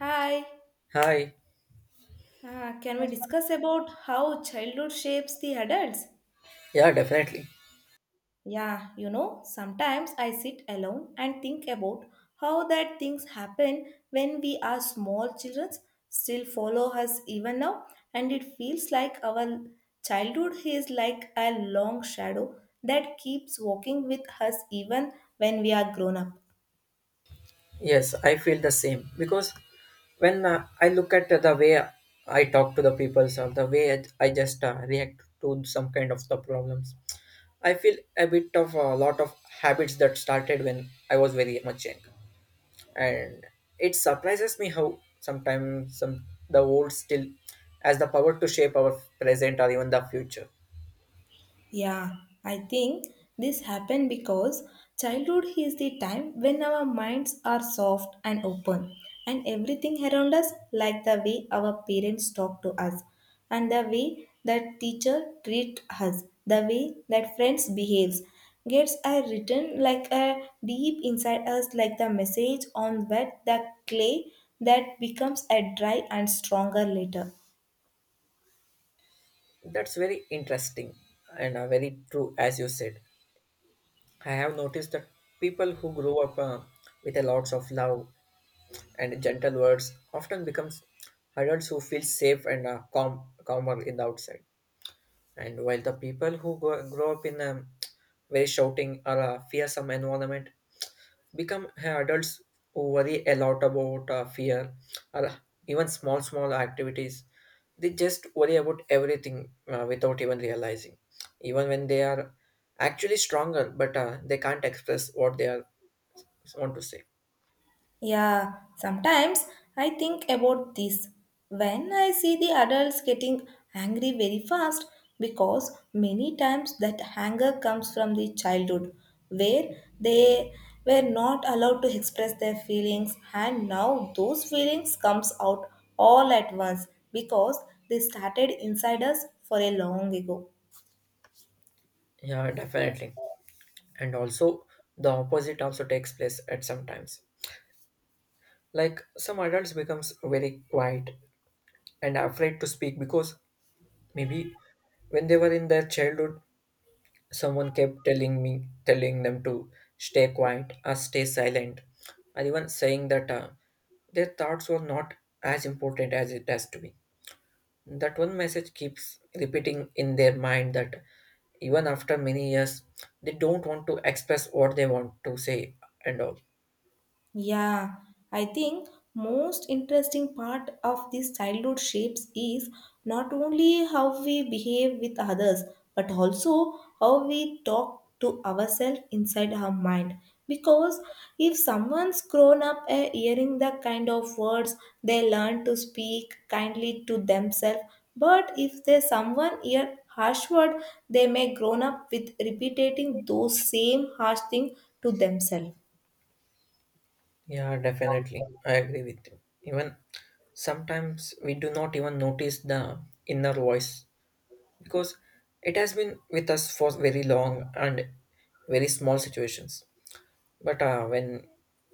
Hi, Hi. Can we discuss about how childhood shapes the adults? Yeah, definitely. Yeah, sometimes I sit alone and think about how that things happen when we are small children still follow us even now, and it feels like our childhood is like a long shadow that keeps walking with us even when we are grown up. Yes, I feel the same because when I look at the way I talk to the people or the way I just react to some kind of the problems, I feel a bit of a lot of habits that started when I was very much young, and it surprises me how sometimes some the old still has the power to shape our present or even the future. Yeah, I think this happened because childhood is the time when our minds are soft and open, and everything around us, like the way our parents talk to us, and the way that teacher treat us, the way that friends behaves, gets a written like a deep inside us, like the message on wet the clay that becomes a dry and stronger later. That's very interesting and very true. As you said, I have noticed that people who grow up with a lots of love and gentle words often becomes adults who feel safe and calm, calmer in the outside. And while the people who grow up in a very shouting or a fearsome environment become adults who worry a lot about fear or even small small activities. They just worry about everything without even realizing, even when they are actually stronger, but they can't express what they are want to say. Yeah, sometimes I think about this when I see the adults getting angry very fast because many times that anger comes from the childhood where they were not allowed to express their feelings and now those feelings comes out all at once because they started inside us for a long ago. Yeah, definitely. And also the opposite also takes place at some times, like some adults becomes very quiet and afraid to speak because maybe when they were in their childhood someone kept telling them to stay quiet or stay silent, or even saying that their thoughts were not as important as it has to be. That one message keeps repeating in their mind, that even after many years, they don't want to express what they want to say and all. Yeah, I think most interesting part of these childhood shapes is not only how we behave with others but also how we talk to ourselves inside our mind because if someone's grown up hearing the kind of words they learn to speak kindly to themselves, but if there's someone hear harsh word they may grown up with repeating those same harsh thing to themselves. Yeah, definitely. I agree with you. Even sometimes we do not even notice the inner voice because it has been with us for very long and very small situations. But when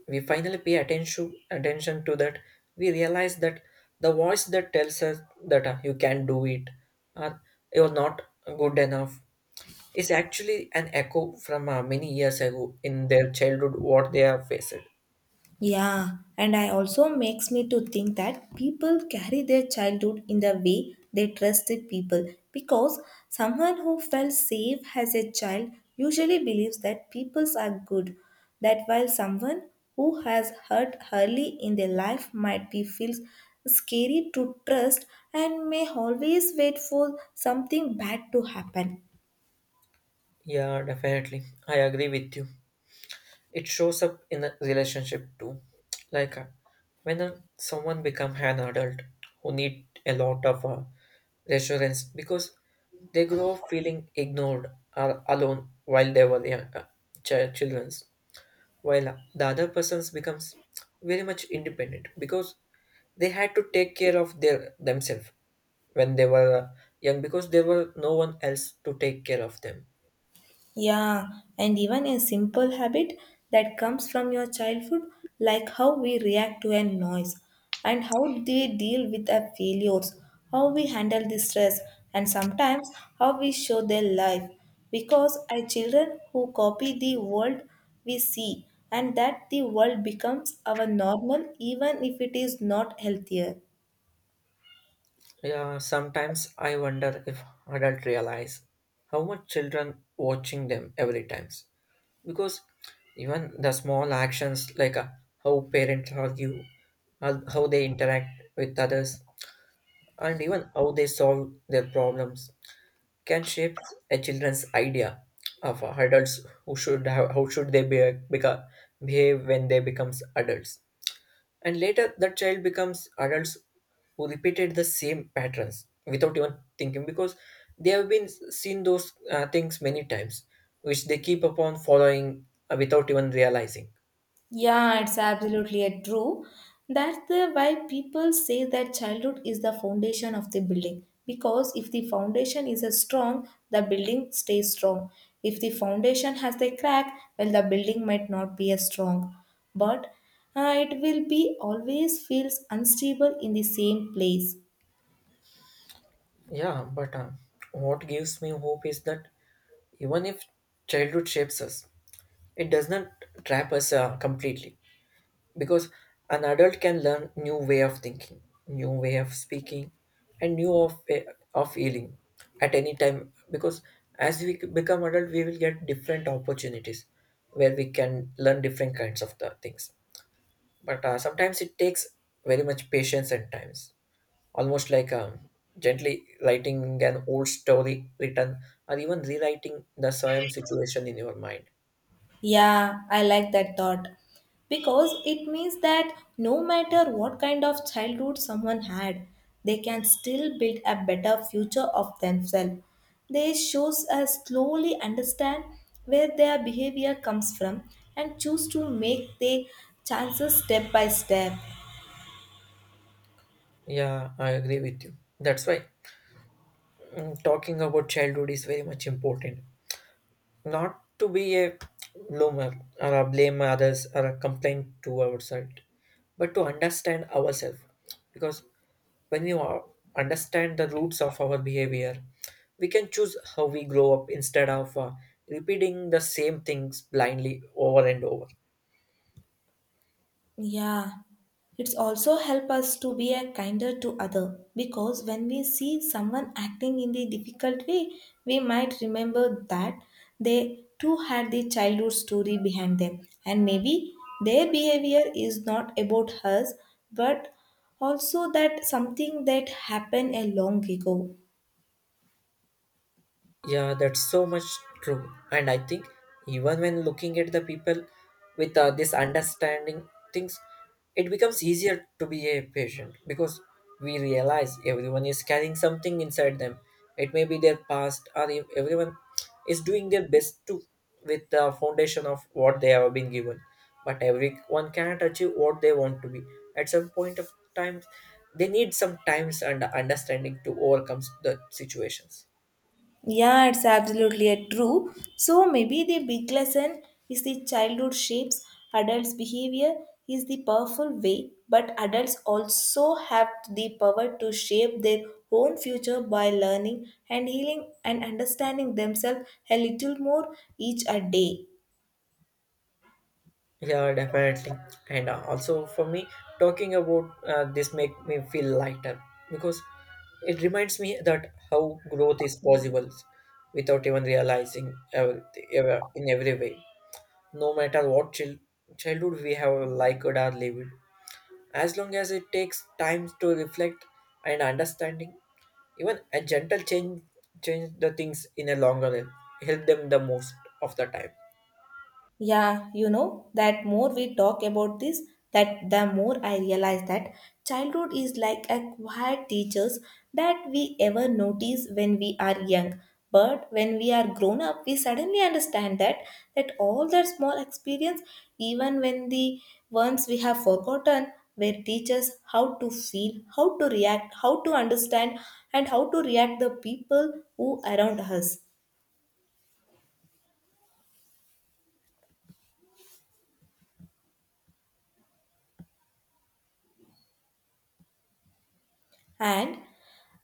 we finally pay attention attention to that, we realize that the voice that tells us that you can't do it or you're not good enough is actually an echo from many years ago in their childhood what they have faced. Yeah, and I also makes me to think that people carry their childhood in the way they trusted people because someone who felt safe as a child usually believes that peoples are good. That while someone who has hurt early in their life might be feels scary to trust and may always wait for something bad to happen. Yeah, definitely. I agree with you. It shows up in a relationship too, like when someone become an adult who need a lot of reassurance because they grow up feeling ignored or alone while they were young, children's, while the other persons becomes very much independent because they had to take care of their themselves when they were young because there were no one else to take care of them. Yeah, and even a simple habit that comes from your childhood, like how we react to a noise and how they deal with our failures, how we handle the stress, and sometimes how we show their life. Because our children who copy the world we see, and that the world becomes our normal, even if it is not healthier. Yeah, sometimes I wonder if adults realize how much children watching them every times. Because even the small actions like how parents argue, how they interact with others, and even how they solve their problems can shape a children's idea of adults who should have, how should they be, beca- behave when they becomes adults. And later, that child becomes adults who repeated the same patterns without even thinking because they have been seen those things many times, which they keep upon following without even realizing. Yeah, it's absolutely a true. That's the why people say that childhood is the foundation of the building. Because if the foundation is a strong, the building stays strong. If the foundation has a crack, well, the building might not be as strong. But it will be always feels unstable in the same place. Yeah, but what gives me hope is that even if childhood shapes us, it does not trap us completely, because an adult can learn new way of thinking, new way of speaking, and new of of healing at any time, because as we become adult we will get different opportunities where we can learn different kinds of the things. But sometimes it takes very much patience and times, almost like gently writing an old story written or even rewriting the same situation in your mind. Yeah, I like that thought because it means that no matter what kind of childhood someone had, they can still build a better future of themselves. This shows us slowly understand where their behavior comes from and choose to make their chances step by step. Yeah, I agree with you. That's why talking about childhood is very much important. Not to be a bloomer or a blame others or a complaint to ourselves, but to understand ourselves. Because when you are, understand the roots of our behavior, we can choose how we grow up instead of repeating the same things blindly over and over. Yeah, it's also help us to be a kinder to other because when we see someone acting in the difficult way, we might remember that they too had the childhood story behind them, and maybe their behavior is not about us, but also that something that happened a long ago. Yeah, that's so much true. And I think even when looking at the people with this understanding things, it becomes easier to be a patient because we realize everyone is carrying something inside them. It may be their past, or if everyone is doing their best to with the foundation of what they have been given. But everyone cannot achieve what they want to be. At some point of time, they need some times and understanding to overcome the situations. Yeah, it's absolutely true. So maybe the big lesson is the childhood shapes adults' behavior is the powerful way, but adults also have the power to shape their own future by learning and healing and understanding themselves a little more each a day. Yeah, definitely. And also for me, talking about this make me feel lighter because it reminds me that how growth is possible without even realizing ever, ever in every way. No matter what childhood we have liked or lived, as long as it takes time to reflect and understanding, even a gentle change the things in a longer run, help them the most of the time. Yeah, that more we talk about this, that the more I realize that childhood is like a quiet teachers that we ever notice when we are young. But when we are grown up, we suddenly understand that all that small experience, even when the ones we have forgotten, were teachers how to feel, how to react, how to understand, and how to react the people who around us. And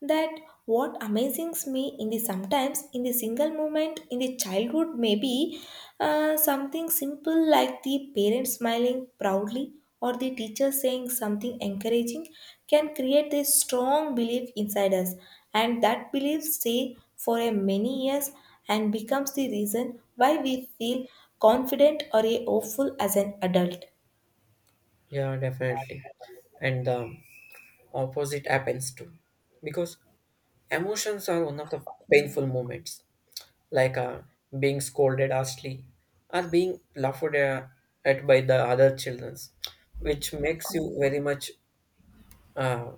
that what amazes me in the sometimes in the single moment in the childhood may be something simple like the parent smiling proudly or the teacher saying something encouraging can create a strong belief inside us, and that belief stay for a many years and becomes the reason why we feel confident or a hopeful as an adult. Yeah, definitely. And opposite happens too because emotions are one of the painful moments, like being scolded harshly or being laughed at by the other children, which makes you very much uh,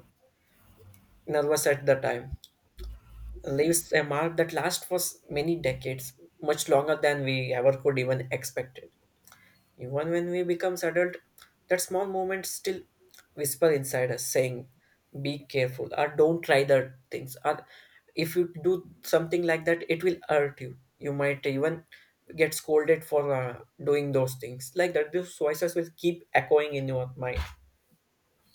nervous at the time, leaves a mark that lasts for many decades, much longer than we ever could even expect. Even when we become adult, that small moment still whisper inside us saying, be careful or don't try that things. Or if you do something like that, it will hurt you. You might even get scolded for doing those things like that. Those voices will keep echoing in your mind.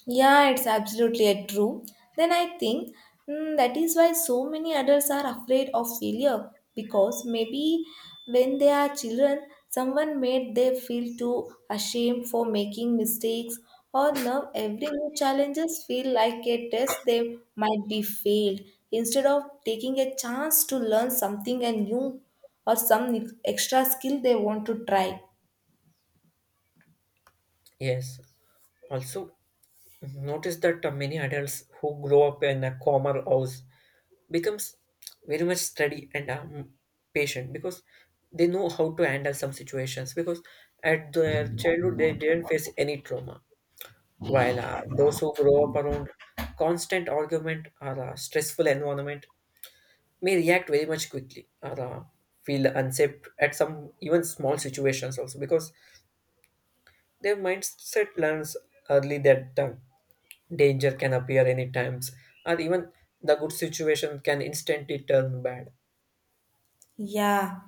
Yeah, it's absolutely a true. Then I think that is why so many adults are afraid of failure, because maybe when they are children, someone made them feel too ashamed for making mistakes, or now every new challenges feel like a test they might be failed instead of taking a chance to learn something and new or some extra skill they want to try. Yes. Also, notice that many adults who grow up in a calmer house becomes very much steady and patient because they know how to handle some situations because at their childhood they didn't face any trauma, while those who grow up around constant argument or a stressful environment may react very much quickly or feel unsafe at some even small situations also, because their mindset learns early that danger can appear any times or even the good situation can instantly turn bad. Yeah,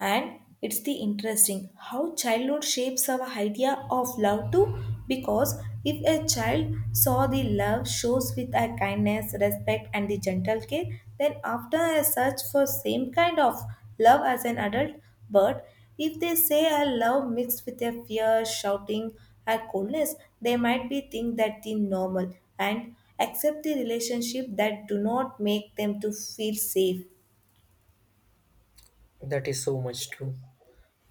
and it's the interesting how childhood shapes our idea of love too. Because if a child saw the love shows with a kindness, respect, and the gentle care, then after a search for same kind of love as an adult, but if they say a love mixed with a fear, shouting, a coldness, they might be think that the normal and accept the relationship that do not make them to feel safe. That is so much true.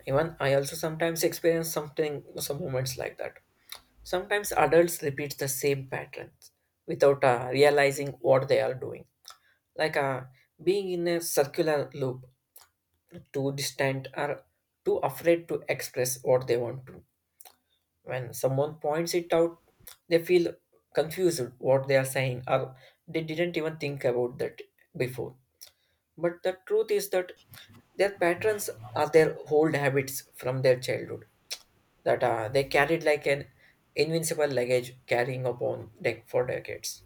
Even I also sometimes experience something, some moments like that. Sometimes adults repeat the same patterns without realizing what they are doing, like being in a circular loop, too distant or too afraid to express what they want to. When someone points it out, they feel confused what they are saying or they didn't even think about that before. But the truth is that their patterns are their old habits from their childhood that they carried like an invincible luggage carrying upon deck for decades.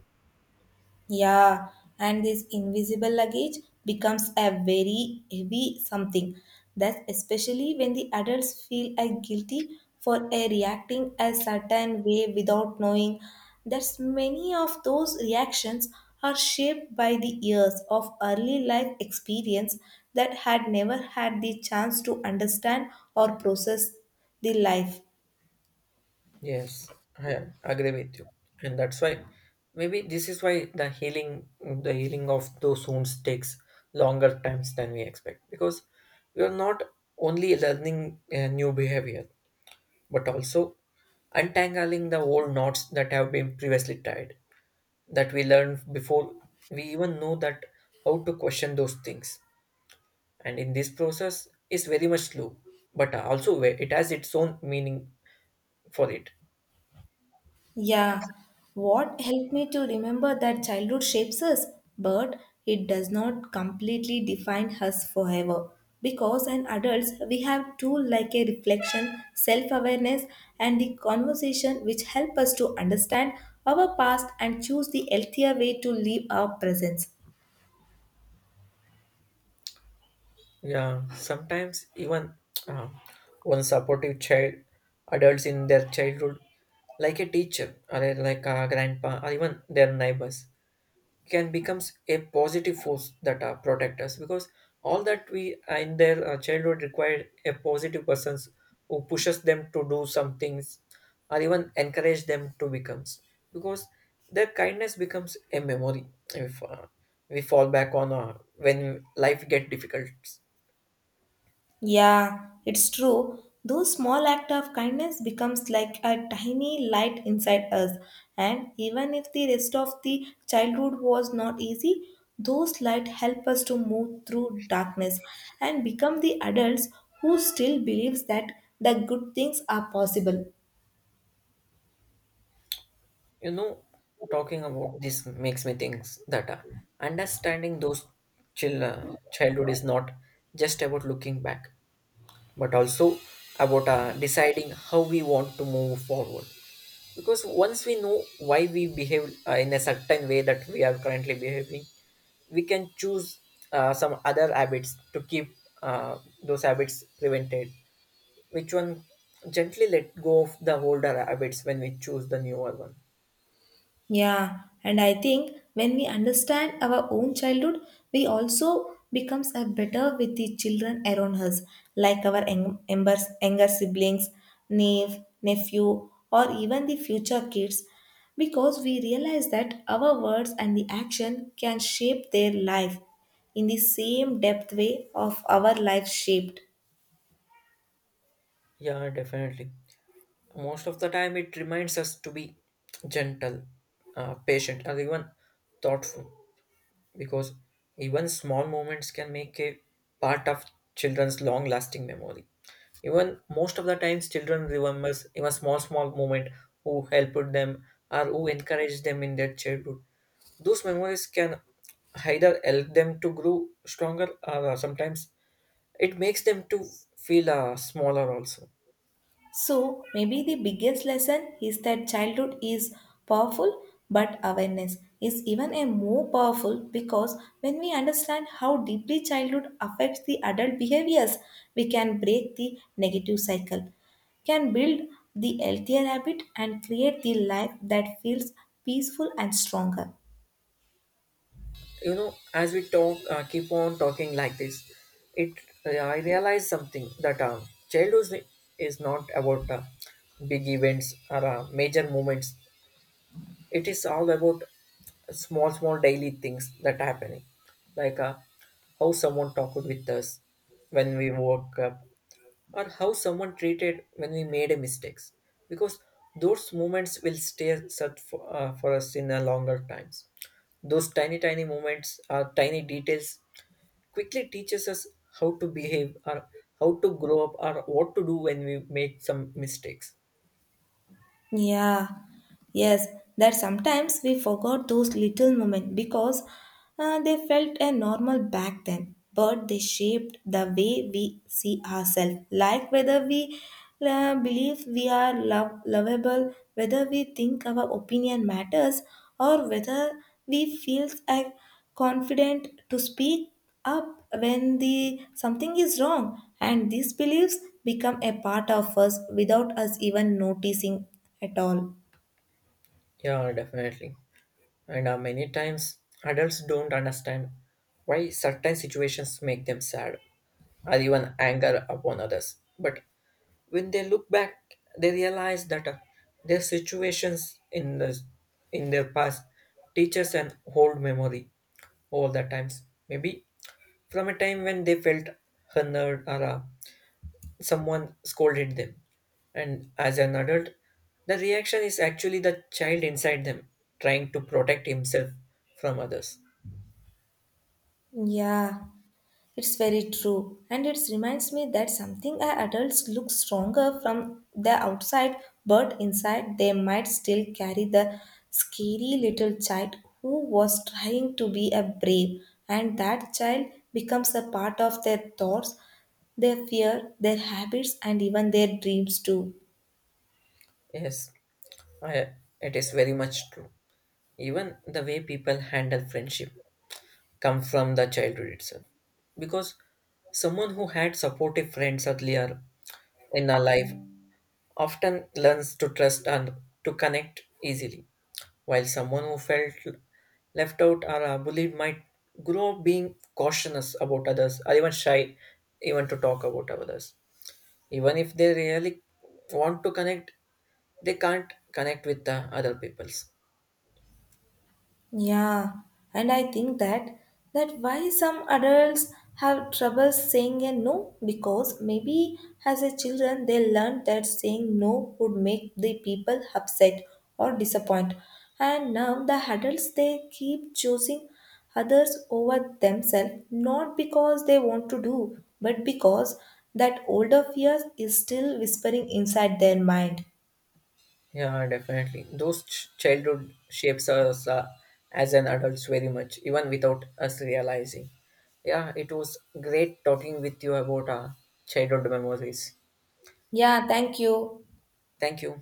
Yeah, and this invisible luggage becomes a very heavy something. That's especially when the adults feel guilty for a reacting a certain way without knowing that many of those reactions are shaped by the years of early life experience that had never had the chance to understand or process the life. Yes, I agree with you, and that's why maybe this is why the healing of those wounds takes longer times than we expect because we are not only learning a new behavior but also untangling the old knots that have been previously tied that we learned before we even know that how to question those things, and in this process is very much slow but also where it has its own meaning for it. Yeah, what helped me to remember that childhood shapes us, but it does not completely define us forever. Because as adults, we have tools like a reflection, self awareness, and the conversation which help us to understand our past and choose the healthier way to live our presence. Yeah, sometimes even uh, one supportive child adults in their childhood, like a teacher or like a grandpa or even their neighbors, can becomes a positive force that protect us because all that we in their childhood required a positive persons who pushes them to do some things or even encourage them to becomes, because their kindness becomes a memory if we fall back on when life get difficult. Yeah, it's true. Those small act of kindness becomes like a tiny light inside us. And even if the rest of the childhood was not easy, those light help us to move through darkness and become the adults who still believes that the good things are possible. You know, talking about this makes me think that understanding those chill, uh, childhood is not just about looking back but also about deciding how we want to move forward. Because once we know why we behave in a certain way that we are currently behaving, we can choose some other habits to keep uh, those habits prevented. Which one gently let go of the older habits when we choose the newer one? Yeah, and I think when we understand our own childhood, we also becomes a better with the children around us, like our younger siblings, niece, nephew, or even the future kids, because we realize that our words and the action can shape their life in the same depth way of our life shaped. Yeah, definitely. Most of the time, it reminds us to be gentle, patient, or even thoughtful because even small moments can make a part of children's long lasting memory. Even most of the times children remembers even small small moment who helped them or who encouraged them in their childhood. Those memories can either help them to grow stronger, or sometimes it makes them to feel smaller also. So, maybe the biggest lesson is that childhood is powerful, but awareness is even a more powerful, because when we understand how deeply childhood affects the adult behaviors, we can break the negative cycle, can build the healthier habit and create the life that feels peaceful and stronger. You know, as we talk keep on talking like this, it I realize something that childhood is not about big events or major moments. It is all about small small daily things that happening, like how someone talked with us when we woke up, or how someone treated when we made a mistakes. Because those moments will stay such for us in a longer times. Those tiny tiny moments are tiny details quickly teaches us how to behave or how to grow up or what to do when we make some mistakes. Yeah, yes, that sometimes we forgot those little moments because they felt a normal back then, but they shaped the way we see ourselves, like whether we believe we are lovable, whether we think our opinion matters, or whether we feel like confident to speak up when the something is wrong, and these beliefs become a part of us without us even noticing at all. Yeah, definitely. And many times adults don't understand why certain situations make them sad or even anger upon others. But when they look back, they realize that their situations in their past teaches an old memory all the times. Maybe from a time when they felt honored or someone scolded them. And as an adult, the reaction is actually the child inside them trying to protect himself from others. Yeah, it's very true, and it reminds me that something our adults look stronger from the outside, but inside they might still carry the scary little child who was trying to be a brave, and that child becomes a part of their thoughts, their fear, their habits, and even their dreams too. Yes, I, it is very much true. Even the way people handle friendship comes from the childhood itself. Because someone who had supportive friends earlier in our life often learns to trust and to connect easily, while someone who felt left out or bullied might grow up being cautious about others or even shy even to talk about others. Even if they really want to connect, they can't connect with the other peoples. Yeah, and I think that why some adults have trouble saying a no, because maybe as a children they learned that saying no would make the people upset or disappoint, and now the adults they keep choosing others over themselves not because they want to do but because that older fear is still whispering inside their mind. Yeah, definitely. Those childhood shapes us as an adults very much, even without us realizing. Yeah, it was great talking with you about childhood memories. Yeah, thank you. Thank you.